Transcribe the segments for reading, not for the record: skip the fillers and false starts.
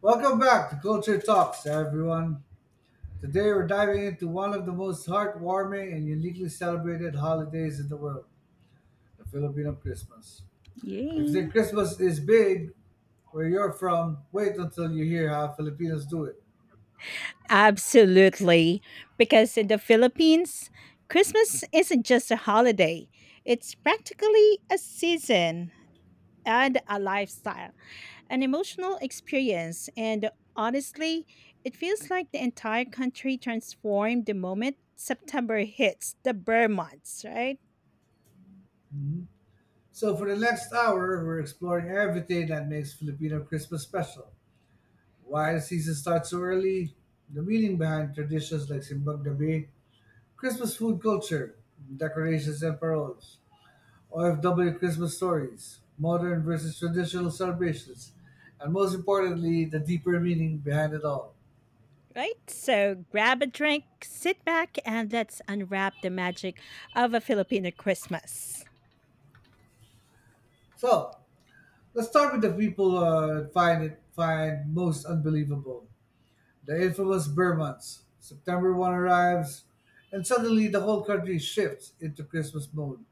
Welcome back to Culture Talks, everyone. Today we're diving into one of the most heartwarming and uniquely celebrated holidays in the world, the Filipino Christmas. If you Yay. think Christmas is big where you're from, wait until you hear how Filipinos do it. Absolutely. Because in the Philippines, Christmas isn't just a holiday, it's practically a season and a lifestyle, an emotional experience. And honestly, it feels like the entire country transformed the moment September hits the Burr months, right? So, for the next hour, we're exploring everything that makes Filipino Christmas special. Why the season starts so early, the meaning behind traditions like Simbang Gabi, Christmas food culture, decorations and paroles, OFW Christmas stories, modern versus traditional celebrations, and most importantly, the deeper meaning behind it all. Right? So grab a drink, sit back, and let's unwrap the magic of a Filipino Christmas. So, let's start with the people find most unbelievable. The infamous Burr months. September 1st arrives, and suddenly the whole country shifts into Christmas mode.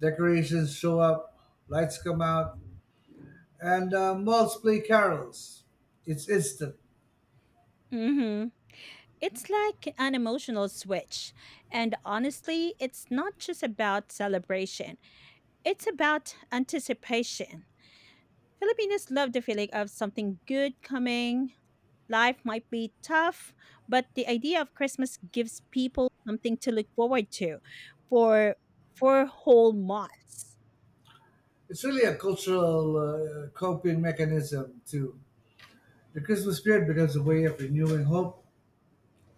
Decorations show up, lights come out, and malls play carols. It's instant. Mm-hmm. It's like an emotional switch. And honestly, it's not just about celebration, it's about anticipation. Filipinos love the feeling of something good coming. Life might be tough, but the idea of Christmas gives people something to look forward to for for whole months. It's really a cultural coping mechanism, too. The Christmas spirit becomes a way of renewing hope,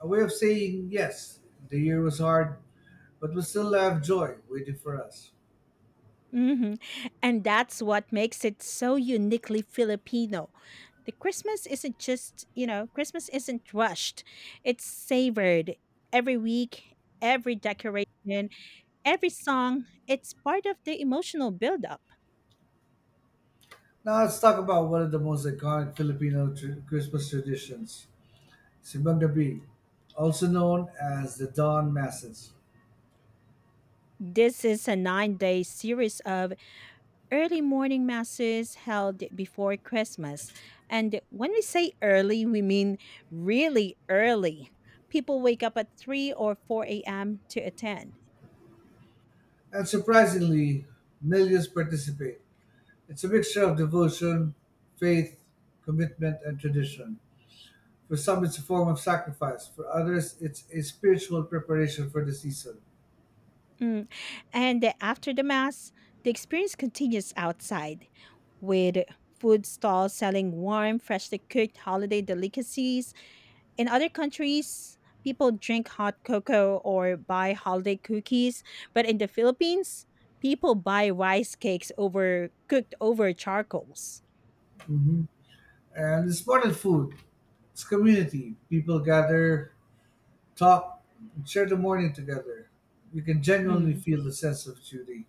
a way of saying, yes, the year was hard, but we still have joy waiting for us. Hmm. And that's what makes it so uniquely Filipino. The Christmas isn't just, you know, Christmas isn't rushed, it's savored every week, every decoration, every song. It's part of the emotional buildup. Now let's talk about one of the most iconic Christmas traditions, Simbang Gabi, also known as the Dawn Masses. This is a 9 day series of early morning masses held before Christmas. And when we say early, we mean really early. People wake up at 3 or 4 a.m. to attend. And surprisingly, millions participate. It's a mixture of devotion, faith, commitment, and tradition. For some, it's a form of sacrifice. For others, it's a spiritual preparation for the season. Mm. After the mass, the experience continues outside with food stalls selling warm, freshly cooked holiday delicacies. In other countries, people drink hot cocoa or buy holiday cookies, but in the Philippines, people buy rice cakes over cooked over charcoals. Mhm. And it's more than food, it's community. People gather, talk, and share the morning together. You can genuinely Mm. feel the sense of duty.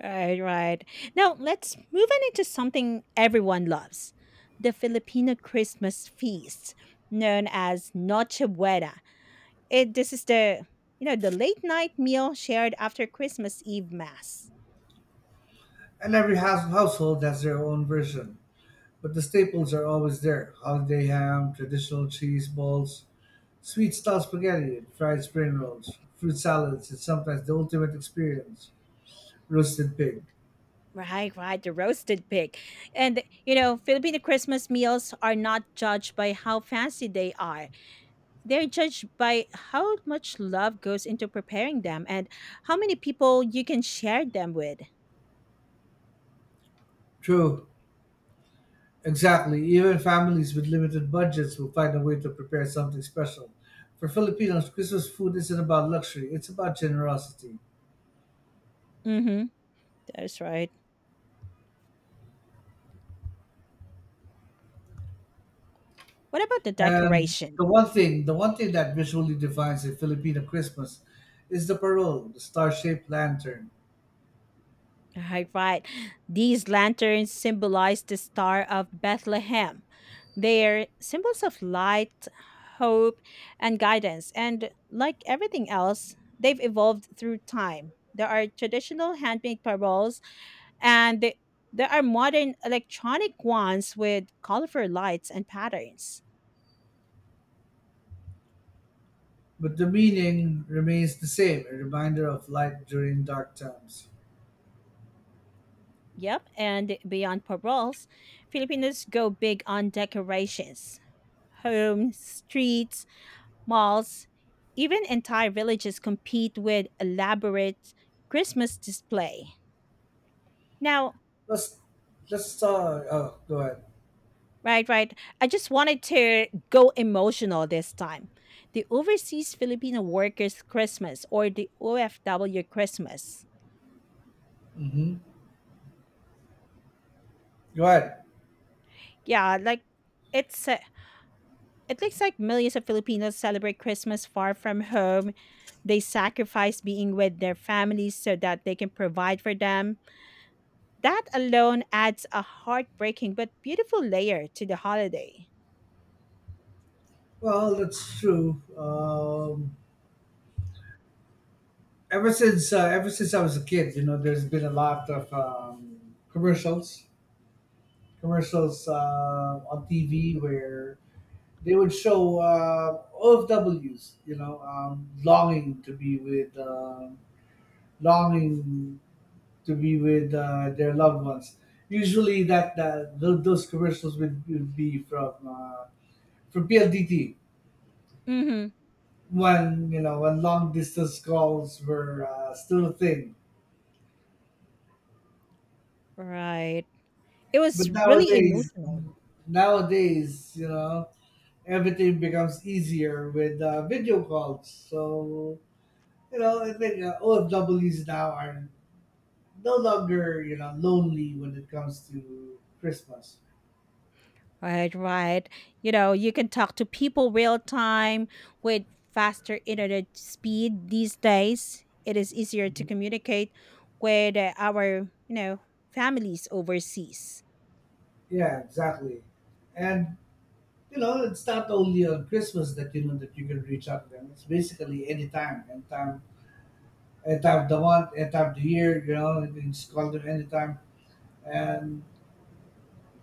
Right, right. Now let's move on into something everyone loves: the Filipino Christmas feast known as Noche Buena. It this is the you know the late night meal shared after Christmas Eve mass. And every household has their own version. But the staples are always there: holiday ham, traditional cheese balls, sweet style spaghetti, and fried spring rolls, fruit salads, and sometimes the ultimate experience, roasted pig. Right, right, the roasted pig. And you know, Filipino Christmas meals are not judged by how fancy they are. They're judged by how much love goes into preparing them and how many people you can share them with. True. Exactly. Even families with limited budgets will find a way to prepare something special. For Filipinos, Christmas food isn't about luxury, it's about generosity. Mm-hmm. That's right. What about the And decoration? the one thing that visually defines a Filipino Christmas is the parol, the star-shaped lantern. Right, right. These lanterns symbolize the Star of Bethlehem. They are symbols of light, hope, and guidance. And like everything else, they've evolved through time. There are traditional handmade paroles, and there are modern electronic ones with colorful lights and patterns. But the meaning remains the same, a reminder of light during dark times. Yep, and beyond paroles, Filipinos go big on decorations. Homes, streets, malls, even entire villages compete with elaborate Christmas display. Now, Let's let's Oh, go ahead. right, right. I just wanted to go emotional this time. The Overseas Filipino Workers Christmas, or the OFW Christmas. Hmm. Go ahead. Yeah, like, it's it looks like millions of Filipinos celebrate Christmas far from home. They sacrifice being with their families so that they can provide for them. That alone adds a heartbreaking but beautiful layer to the holiday. Well, that's true. Ever since I was a kid, you know, there's been a lot of commercials on TV where they would show O F W's, longing to be with, longing to be with their loved ones. Usually, those commercials would be from PLDT Hmm. when you know when long distance calls were still a thing. Right. It was But really emotional. nowadays, you know, everything becomes easier with video calls. So, you know, I think OFWs now are no longer, you know, lonely when it comes to Christmas. Right, right. You know, you can talk to people real time with faster internet speed these days. It is easier to Mhm. communicate with our, you know, families overseas. Yeah, exactly. And, you know, it's not only on Christmas that you know that you can reach out to them. It's basically any of the month, any time of the year, you know, you can just call them anytime. And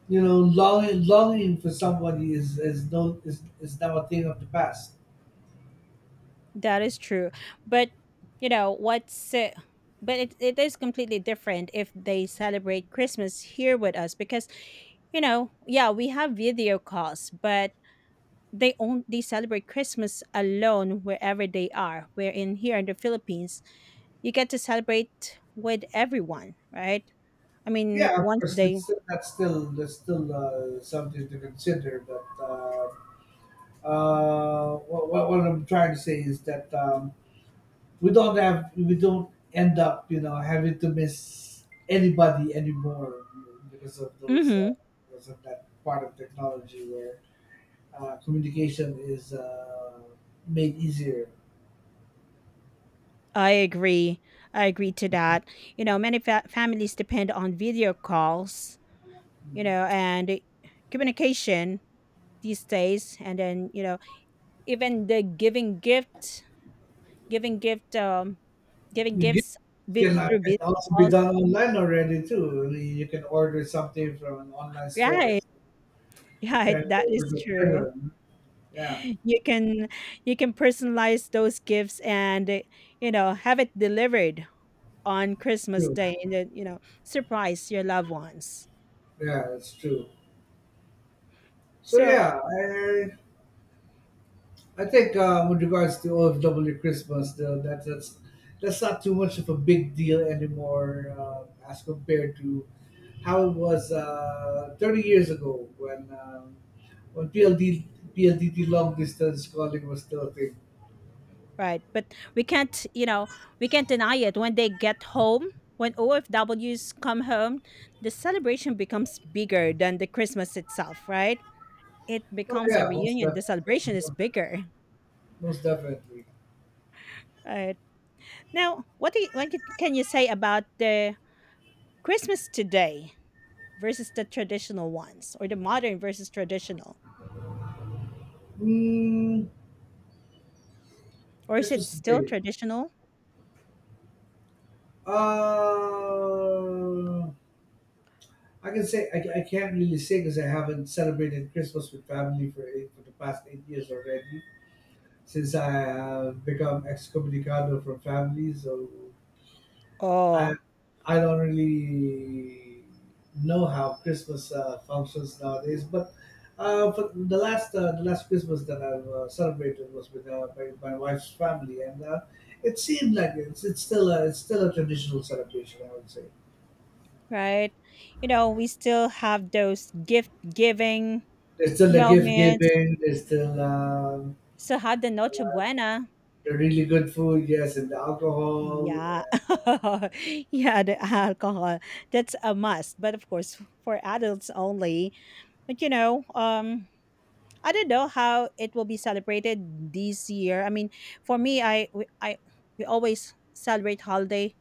you know, longing for somebody is no is, is now a thing of the past. That is true. But, you know, what's but it is completely different if they celebrate Christmas here with us because, you know, yeah, we have video calls, but they celebrate Christmas alone wherever they are. Where in here in the Philippines, you get to celebrate with everyone, right? I mean, Yeah, of once course, it's they… still, that's still something to consider. But what I'm trying to say is that we don't end up you know having to miss anybody anymore because of Hmm. That part of technology where communication is made easier. I agree. I agree to that. You know, many families depend on video calls, you know, and communication these days, and then, you know, even the giving gift um giving You get gifts Can, through can video also be calls, done online already too. You can order something from an online store, right. Right, send it that over is to the true. person. Yeah, You can, you can personalize those gifts and you know, have it delivered on Christmas true. day, and then, you know, surprise your loved ones. Yeah, that's true. So So yeah, I think with regards to OFW Christmas, though, that's not too much of a big deal anymore as compared to how it was 30 years ago when um, when PLD PLDT long distance calling was still a thing. right. But we can't, you know, we can't deny it. When they get home, when OFWs come home, the celebration becomes bigger than the Christmas itself, right? It Oh becomes a yeah, most reunion. The celebration is definitely. bigger. Most definitely. Right. Now, what can you say about the Christmas today versus the traditional ones, or the modern versus traditional? Mm. Or is it Christmas still today. traditional? Uh, I can't really say because I haven't celebrated Christmas with family for the past 8 years already. Since I have become excommunicado from family, so Oh, I I don't really know how Christmas functions nowadays, but for the last Christmas that I've celebrated was with my wife's family, and it seemed like it's still a traditional celebration, I would say. right. You know, we still have those gift giving There's still the gift moments. giving, there's still So how the Noche Buena? the really good food, yes, and the alcohol. And Yeah. uh, Yeah, the alcohol. That's a must, but of course for adults only. But you know, um, I don't know how it will be celebrated this year. I mean, for me I we always celebrate holiday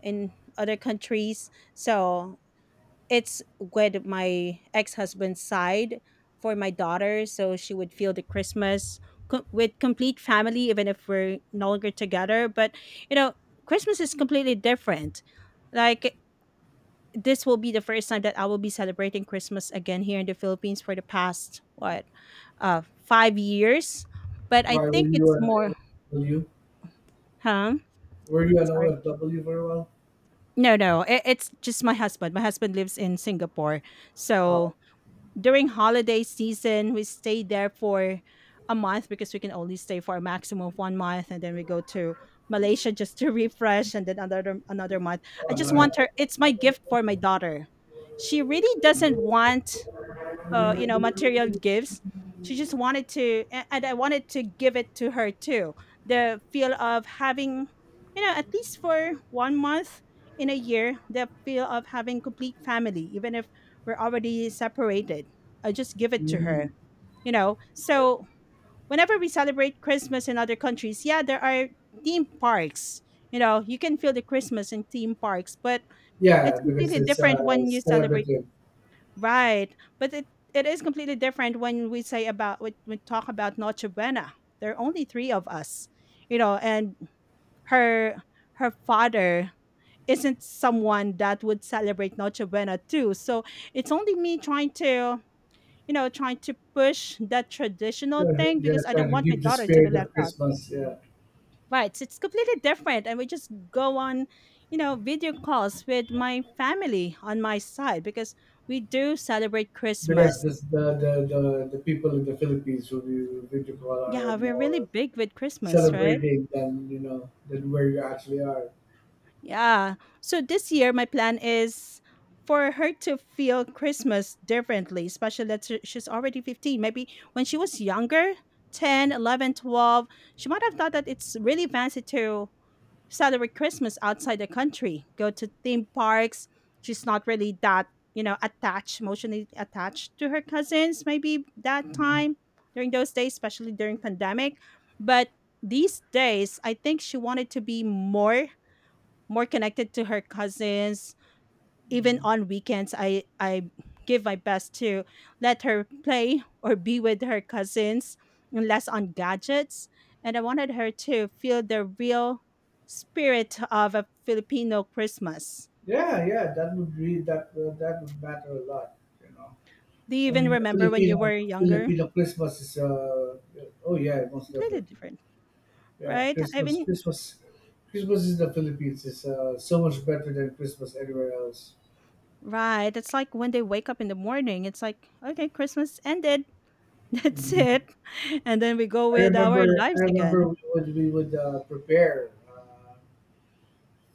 in other countries. So, it's with my ex-husband's side for my daughter, so she would feel the Christmas with complete family, even if we're no longer together. But you know, Christmas is completely different. Like, this will be the first time that I will be celebrating Christmas again here in the Philippines for the past what, uh, 5 years. But I why were think you it's an more… were you? Huh? Were you an Sorry. OFW for a while? No, it's just my husband, lives in Singapore. Oh, So during holiday season, we stay there for a month, because we can only stay for a maximum of one month, and then we go to Malaysia just to refresh, and then another month. I oh just nice. want her, it's my gift for my daughter. She really doesn't want you know, material gifts. She just wanted to, and I wanted to give it to her too. The feel of having, you know, at least for one month in a year, the feel of having complete family, even if we're already separated. I just give it to Mm, her, you know. okay. So whenever we celebrate Christmas in other countries, yeah, there are theme parks. You know, you can feel the Christmas in theme parks, but Yeah, it's because completely it's different when you celebrate… celebrative. Right. But it is completely different when we say about when we talk about Noche Buena. There are only three of us, you know, and her her father isn't someone that would celebrate Noche Buena too. So it's only me trying to, you know, trying to push that traditional thing Yeah, because I don't trying to want my keep the daughter to be spirit left of out. Christmas. Yeah, Right. So it's completely different. And we just go on, you know, video calls with my family on my side because we do celebrate because Christmas. this, the people in the Philippines who we to call are Yeah, we're really more big with Christmas, right? celebrating than you know than where you actually are. Yeah. So this year, my plan is for her to feel Christmas differently, especially that she's already 15. Maybe when she was younger, 10, 11, 12, she might have thought that it's really fancy to celebrate Christmas outside the country, go to theme parks. She's not really that, you know, attached, emotionally attached to her cousins, maybe that Mhm. time during those days, especially during pandemic. But these days, I think she wanted to be more, more connected to her cousins. Even on weekends, I give my best to let her play or be with her cousins, and less on gadgets. And I wanted her to feel the real spirit of a Filipino Christmas. Yeah, yeah, that would be that would matter a lot. You know, Do you I even mean, a remember when you Filipino were younger, Filipino Christmas is oh yeah, most completely definitely. different, Yeah, right? I Christmas mean, Christmas Christmas in the Philippines is so much better than Christmas anywhere else. right, it's like when they wake up in the morning, it's like, okay, Christmas ended. That's Mhm. it. And then we go with our I lives remember again. we would prepare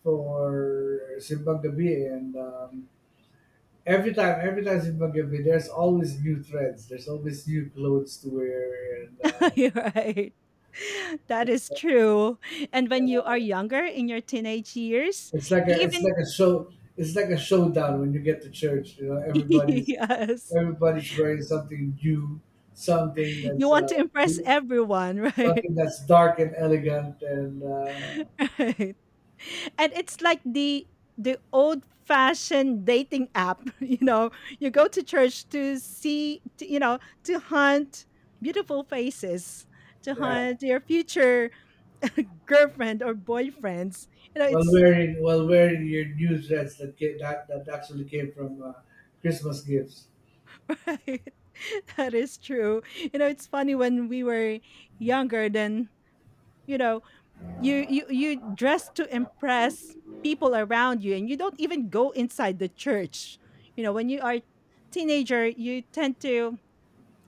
for Simbang Gabi, and every time Simbang Gabi, there's always new threads. There's always new clothes to wear, and You're right. That it's, is uh, true. And yeah, when you are younger in your teenage years, it's you it's even… like a show, it's like a showdown when you get to church. You know, everybody's Yes, everybody's wearing something new, something you that's want to uh, impress everyone, right? something that's dark and elegant, and Right. And it's like the old fashioned dating app, you know, you go to church to see to, you know, to hunt beautiful faces, to yeah. hunt your future girlfriend or boyfriends. You know, Well, it's… wearing your new dress that that actually came from Christmas gifts. That is true. You know, it's funny when we were younger then, you know, you dress to impress people around you, and you don't even go inside the church. You know, when you are teenager, you tend to,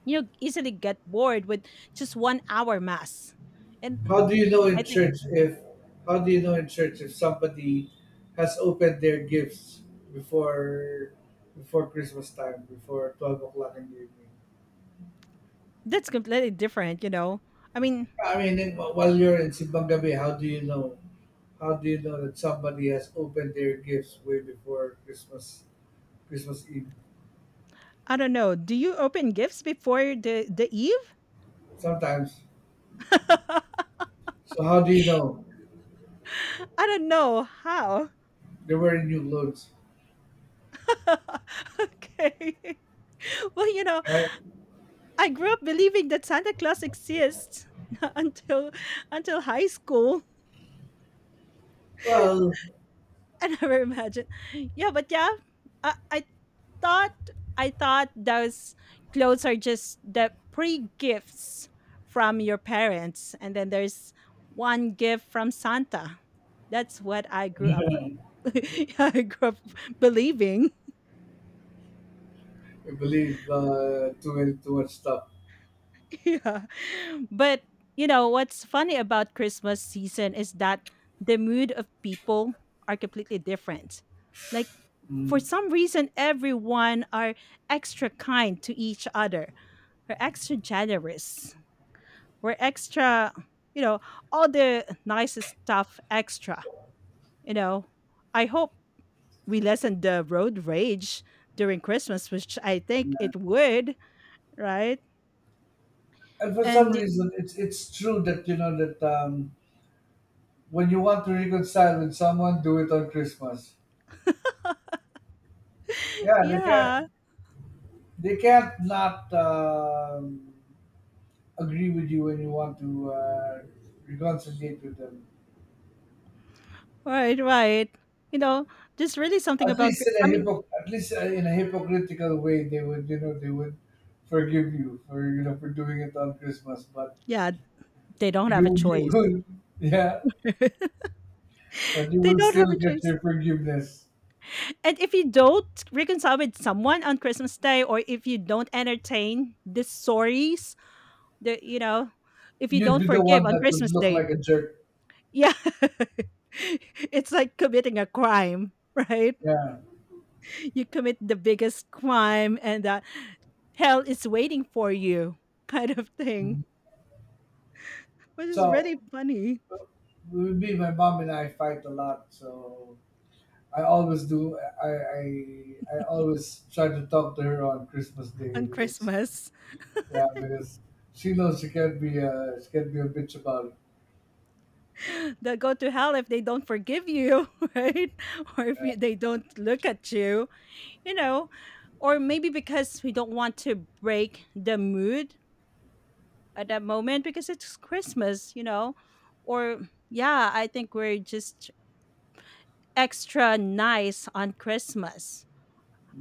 you know, easily get bored with just 1-hour hour mass. And How do you know I in think church if how do you know in church if somebody has opened their gifts before before Christmas time, before 12 o'clock in the evening? that's completely different, you know. I mean, I mean, in, while you're in Simbang Gabi, how do you know? How do you know that somebody has opened their gifts way before Christmas Eve? I don't know. Do you open gifts before the eve? Sometimes. I So how do you know don't know how. they were in new clothes? Okay. Well, you know, I grew up believing that Santa Claus exists until until high school. Well, I never imagined. Yeah, but yeah, I, I thought I thought those clothes are just the pre gifts from your parents, and then there's one gift from Santa. That's what I grew up. I grew up believing. I believe too much stuff. Yeah. But you know what's funny about Christmas season is that the mood of people are completely different. Like, for Mm. some reason everyone are extra kind to each other. We're extra generous. We're extra, you know, all the nicest stuff extra. You know, I hope we lessen the road rage during Christmas, which I think Yeah. it would, right? And for some And reason, it's true that you know that when you want to reconcile with someone, do it on Christmas. Yeah, yeah, they can't not agree with you when you want to reconciliate with them. right, right. You know, there's really something At about least in a I mean, hypocritical way, they would you know they would forgive you for you know for doing it on Christmas, but yeah, they don't have a you choice. would yeah but you They will don't have a still get choice. your forgiveness. And if you don't reconcile with someone on Christmas Day, or if you don't entertain the stories, the you know, if you You'd don't be the forgive one on that would Christmas look Day. like a jerk. Yeah. It's like committing a crime, right? Yeah. You commit the biggest crime and hell is waiting for you kind of thing, Mhm. which is really So, funny with me, my mom and I fight a lot. So, I always do. I always try to talk to her on Christmas Day on because Christmas. yeah, because she knows she can't be a bitch about it. They'll go to hell if they don't forgive you, right? Or if Yeah. you, they don't look at you, you know, or maybe because we don't want to break the mood at that moment because it's Christmas, or yeah, I think we're just extra nice on Christmas.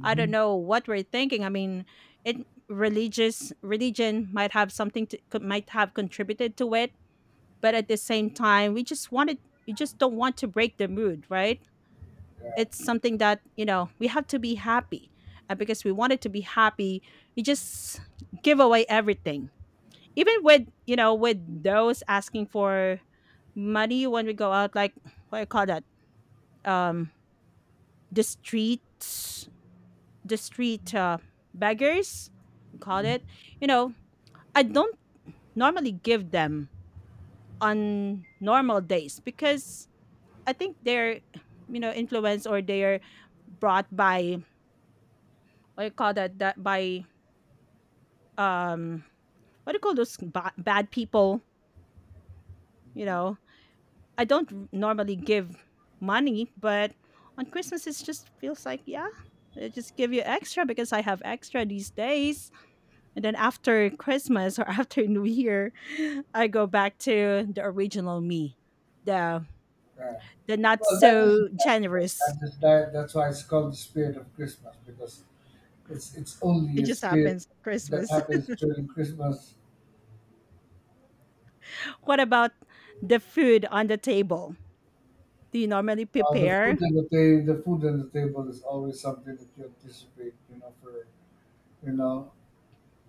I don't know what we're thinking. I mean, it religious religion might have something to might have contributed to it, but at the same time, we just don't want to break the mood, right? Yeah. It's something that we have to be happy, and because we wanted to be happy, we just give away everything, even with with those asking for money when we go out, like what do you call that, um the streets, the street beggars we call it. Mm-hmm. you know I don't normally give them on normal days because I think they're, influenced, or they're brought by, what do you call that, that by, um what do you call those bad people, you know. I don't normally give money, but on Christmas it just feels like, yeah, I just give you extra because I have extra these days. And then after Christmas or after New Year, I go back to the original me, the Right. the not Well, so generous. That's why it's called the spirit of Christmas because it's It only a just spirit happens at that Christmas. happens during Christmas. What about the food on the table? Do you normally prepare? The food on the table is always something that you anticipate. You know, you know,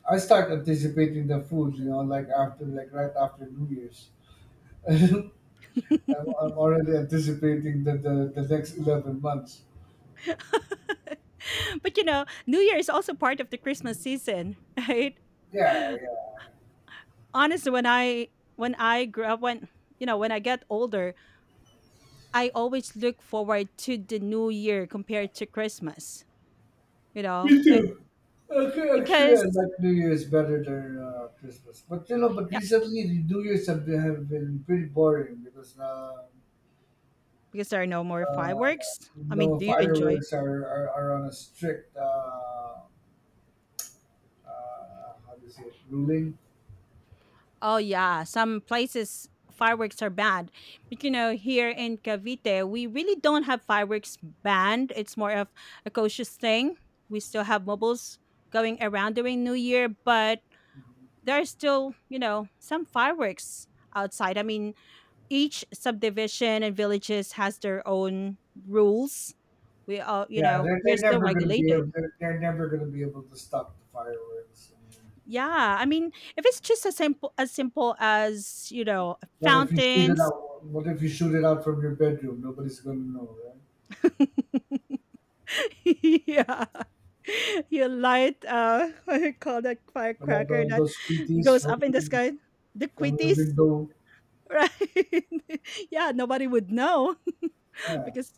I start anticipating the food. You know, like after like right after New Year's, I'm, I'm already anticipating the next 11 months. But you know, New Year is also part of the Christmas season, right? Yeah, yeah. Honestly, when I grew up, when, you know, when I get older, I always look forward to the New Year compared to Christmas. You know. Me too. Okay, actually, I Because like New Year's better than Christmas. But you know, but yeah, recently the New Year's have been pretty boring because because there are no more uh, fireworks. I mean, no do you enjoy? fireworks are, are on a strict how do you say it, ruling. Oh yeah, some places fireworks are banned. But you know, here in Cavite, we really don't have fireworks banned. It's more of a cautious thing. We still have mobiles going around during New Year, but there are still, you know, some fireworks outside. I mean, each subdivision and villages has their own rules. We all, you Yeah, know, we're still regulated. They're never gonna be able to stop the fireworks. I mean, Yeah, I mean, if it's just as simple as simple as, you know, fountains. What if you shoot it out from your bedroom? Nobody's gonna know, right? Yeah. You light what do you call that But like firecracker that those squeakies goes up in the sky? The from your quitties, window. right? Yeah, nobody would know, Yeah. because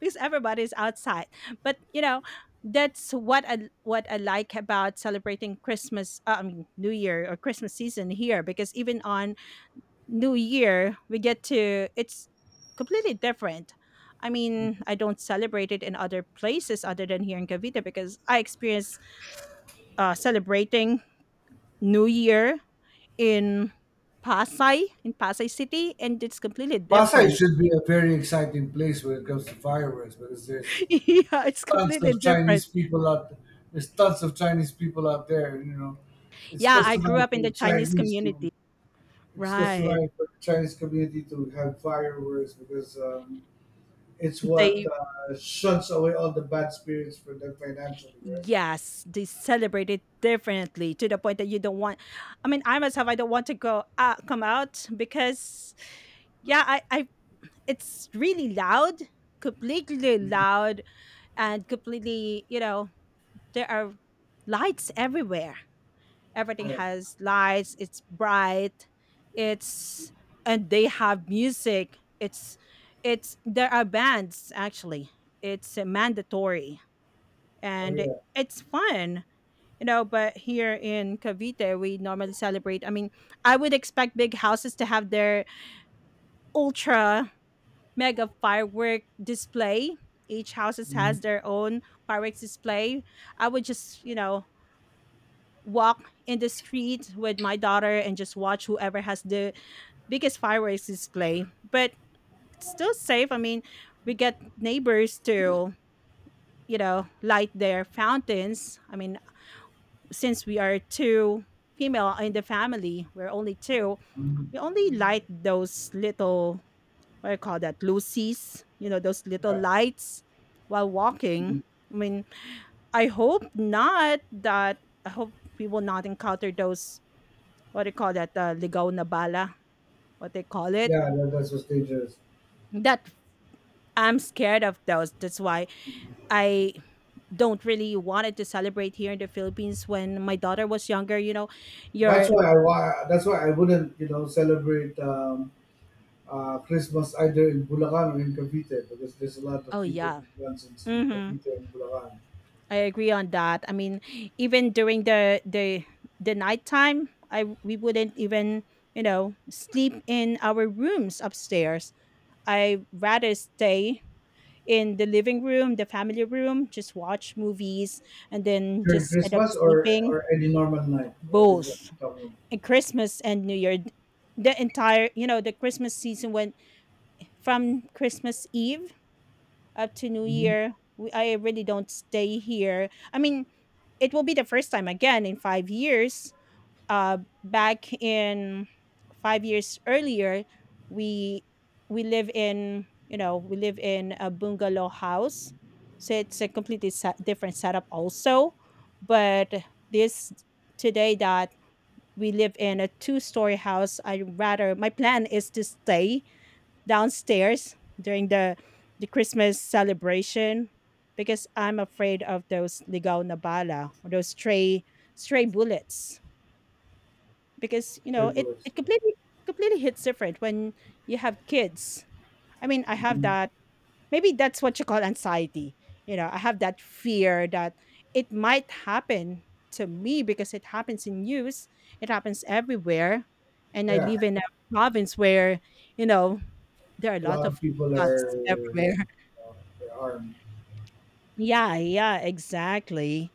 because everybody's outside. But you know, that's what I like about celebrating Christmas, I mean New Year or Christmas season here, because even on new year we get to, it's completely different. I mean, I don't celebrate it in other places other than here in Cavite, because I experienced celebrating new year in Pasay, in Pasay City, and it's completely Pasay different. should be a very exciting place when it comes to fireworks because Yeah, there's it's tons completely of different. Chinese people out there's tons of Chinese people out there, and you know, it's Yeah, I grew customary up for in the the Chinese Chinese to community, it's right? customary for the Chinese community to have fireworks because it's what They, shuns away all the bad spirits for them financially, right? yes, they celebrate it differently, to the point that you don't want, I mean, I myself, I don't want to go out, come out, because yeah, I it's really loud, completely loud, and completely, you know, there are lights everywhere, everything Yeah. has lights, it's bright. It's, and they have music, it's, there are bands actually, it's mandatory. Oh And yeah, it's fun, you know. But here in Cavite we normally celebrate, I mean, I would expect big houses to have their ultra mega firework display. Each houses has their own fireworks display. I would just, you know, walk in the street with my daughter and just watch whoever has the biggest fireworks display. But it's still safe. I mean, we get neighbors to, you know, light their fountains. I mean, since we are two female in the family, we're only two, we only light those little, what do you call that, lucies, you know, those little yeah, lights, while walking. I mean, I hope not that, I hope we will not encounter those, what do you call that, ligaw na bala, what they call it. yeah. That, that's what's dangerous. That I'm scared of those, that's why I don't really wanted to celebrate here in the Philippines when my daughter was younger, you know, your, That's why I wouldn't you know celebrate Christmas either in Bulacan or in Cavite because there's a lot of oh people yeah. who runs in Hmm. Cavite and Bulacan I agree on that. I mean, even during the nighttime, I we wouldn't even, you know, sleep in our rooms upstairs. I rather stay in the living room, the family room, just watch movies, and then during just end up Christmas sleeping, or any normal night. Right? Is that both talking? in Christmas and New Year. The entire, you know, the Christmas season went from Christmas Eve up to New Mm-hmm. Year. We, I really don't stay here. I mean, it will be the first time again in 5 years. Back in 5 years earlier, we we live in you know we live in a bungalow house, so it's a completely different setup also. But this today that we live in a two-story house, I rather, my plan is to stay downstairs during the Christmas celebration, because I'm afraid of those ligaw na bala, or those stray bullets, because you Sure, know bullets. it Yeah. completely, completely hits different when you have kids. I mean, I have Hmm. that. Maybe that's what you call anxiety. You know, I have that fear that it might happen to me, because it happens in news, it happens everywhere, and I Yeah, live in a province where, you know, there are a a lot lot of of people are guns everywhere. They're armed. Yeah, yeah, exactly.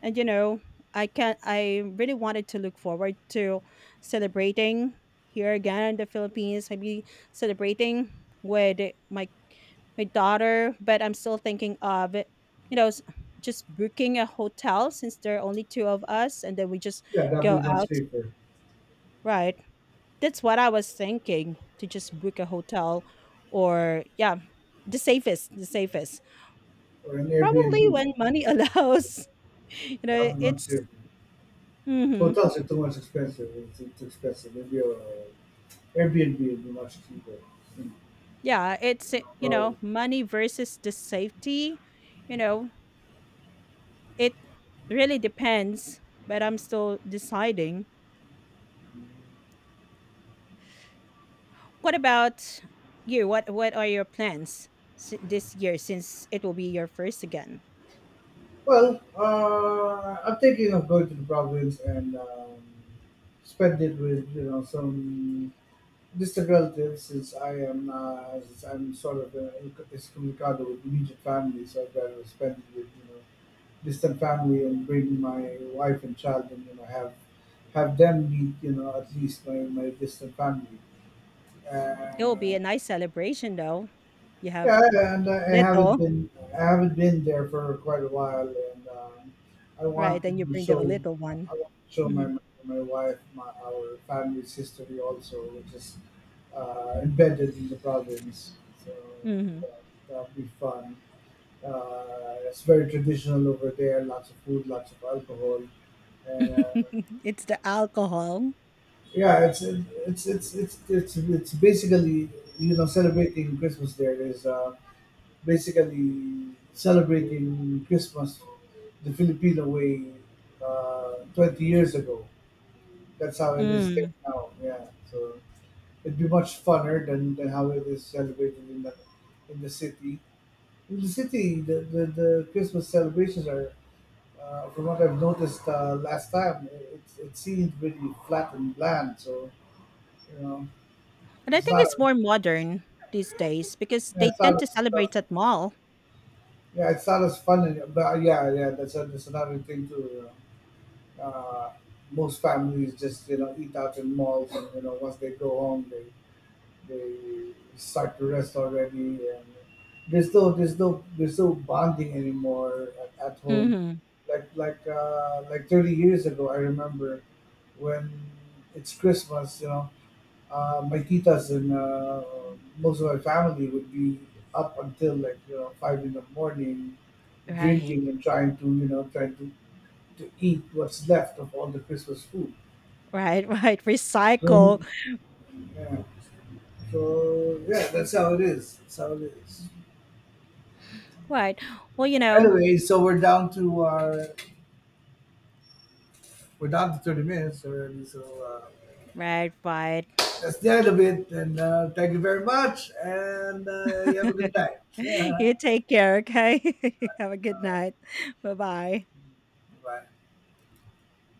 And you know, I really wanted to look forward to celebrating here again in the Philippines. I'll be celebrating with my my daughter, but I'm still thinking of it, you know, just booking a hotel, since there are only two of us, and then we just Yeah, that'd go be much out. safer. Right. That's what I was thinking, to just book a hotel, or yeah, the safest. Or an Probably Airbnb. when money That'd be allows. You know, That'd be much it's safer. mhm. Hotels are too much expensive. It's expensive. Maybe a Airbnb would be much cheaper. Mm. Yeah, it's, No you know, problem. money versus the safety, you know, it really depends, but I'm still deciding. What about you? What are your plans this year, since it will be your first again? Well, I'm thinking of going to the province and spend it with you know some distant relatives since I am since I'm sort of excommunicado with immediate family, so I'd rather spend it with you know distant family and bring my wife and child and you know have them meet you know at least my distant family. It will be Uh, a nice celebration though. You yeah, have and little, I haven't been there for quite a while, and I right? want Then you to bring them show a little I one. want to show Mhm. my my wife my our family's history also, which is embedded in the province. So Mhm. that that'll be fun. It's very traditional over there. Lots of food, lots of alcohol, and It's the alcohol. yeah, it's basically you know celebrating Christmas there is. Basically celebrating Christmas the Filipino way 20 years ago. That's how it is there Mm. now. Yeah, so it'd be much funner than how it is celebrated in the city. In the city, the Christmas celebrations are, from what I've noticed last time, it seemed really flat and bland. So you know, And I it's think not it's more modern these days because yeah, they it's tend not to as tough. celebrate at mall. Yeah, it's not as fun. And, but yeah, yeah, that's another thing too. Uh, Most families just you know eat out in malls, and you know once they go home, they start to rest already, and there's no bonding anymore at home. Hmm. Like like 30 years ago, I remember when it's Christmas, you know, my titas and most of my family would be up until like you know 5 in the morning, Right. drinking and trying to you know trying to eat what's left of all the Christmas food. Right, right. Recycle. Mhm. Yeah. So yeah, that's how it is. That's how it is. Right. Well, you know, Anyway, so we're down to 30 minutes already. So right, right. that's the end of it. And thank you very much. And you have a good night. You take care, okay? Have a good night. Bye bye. Bye.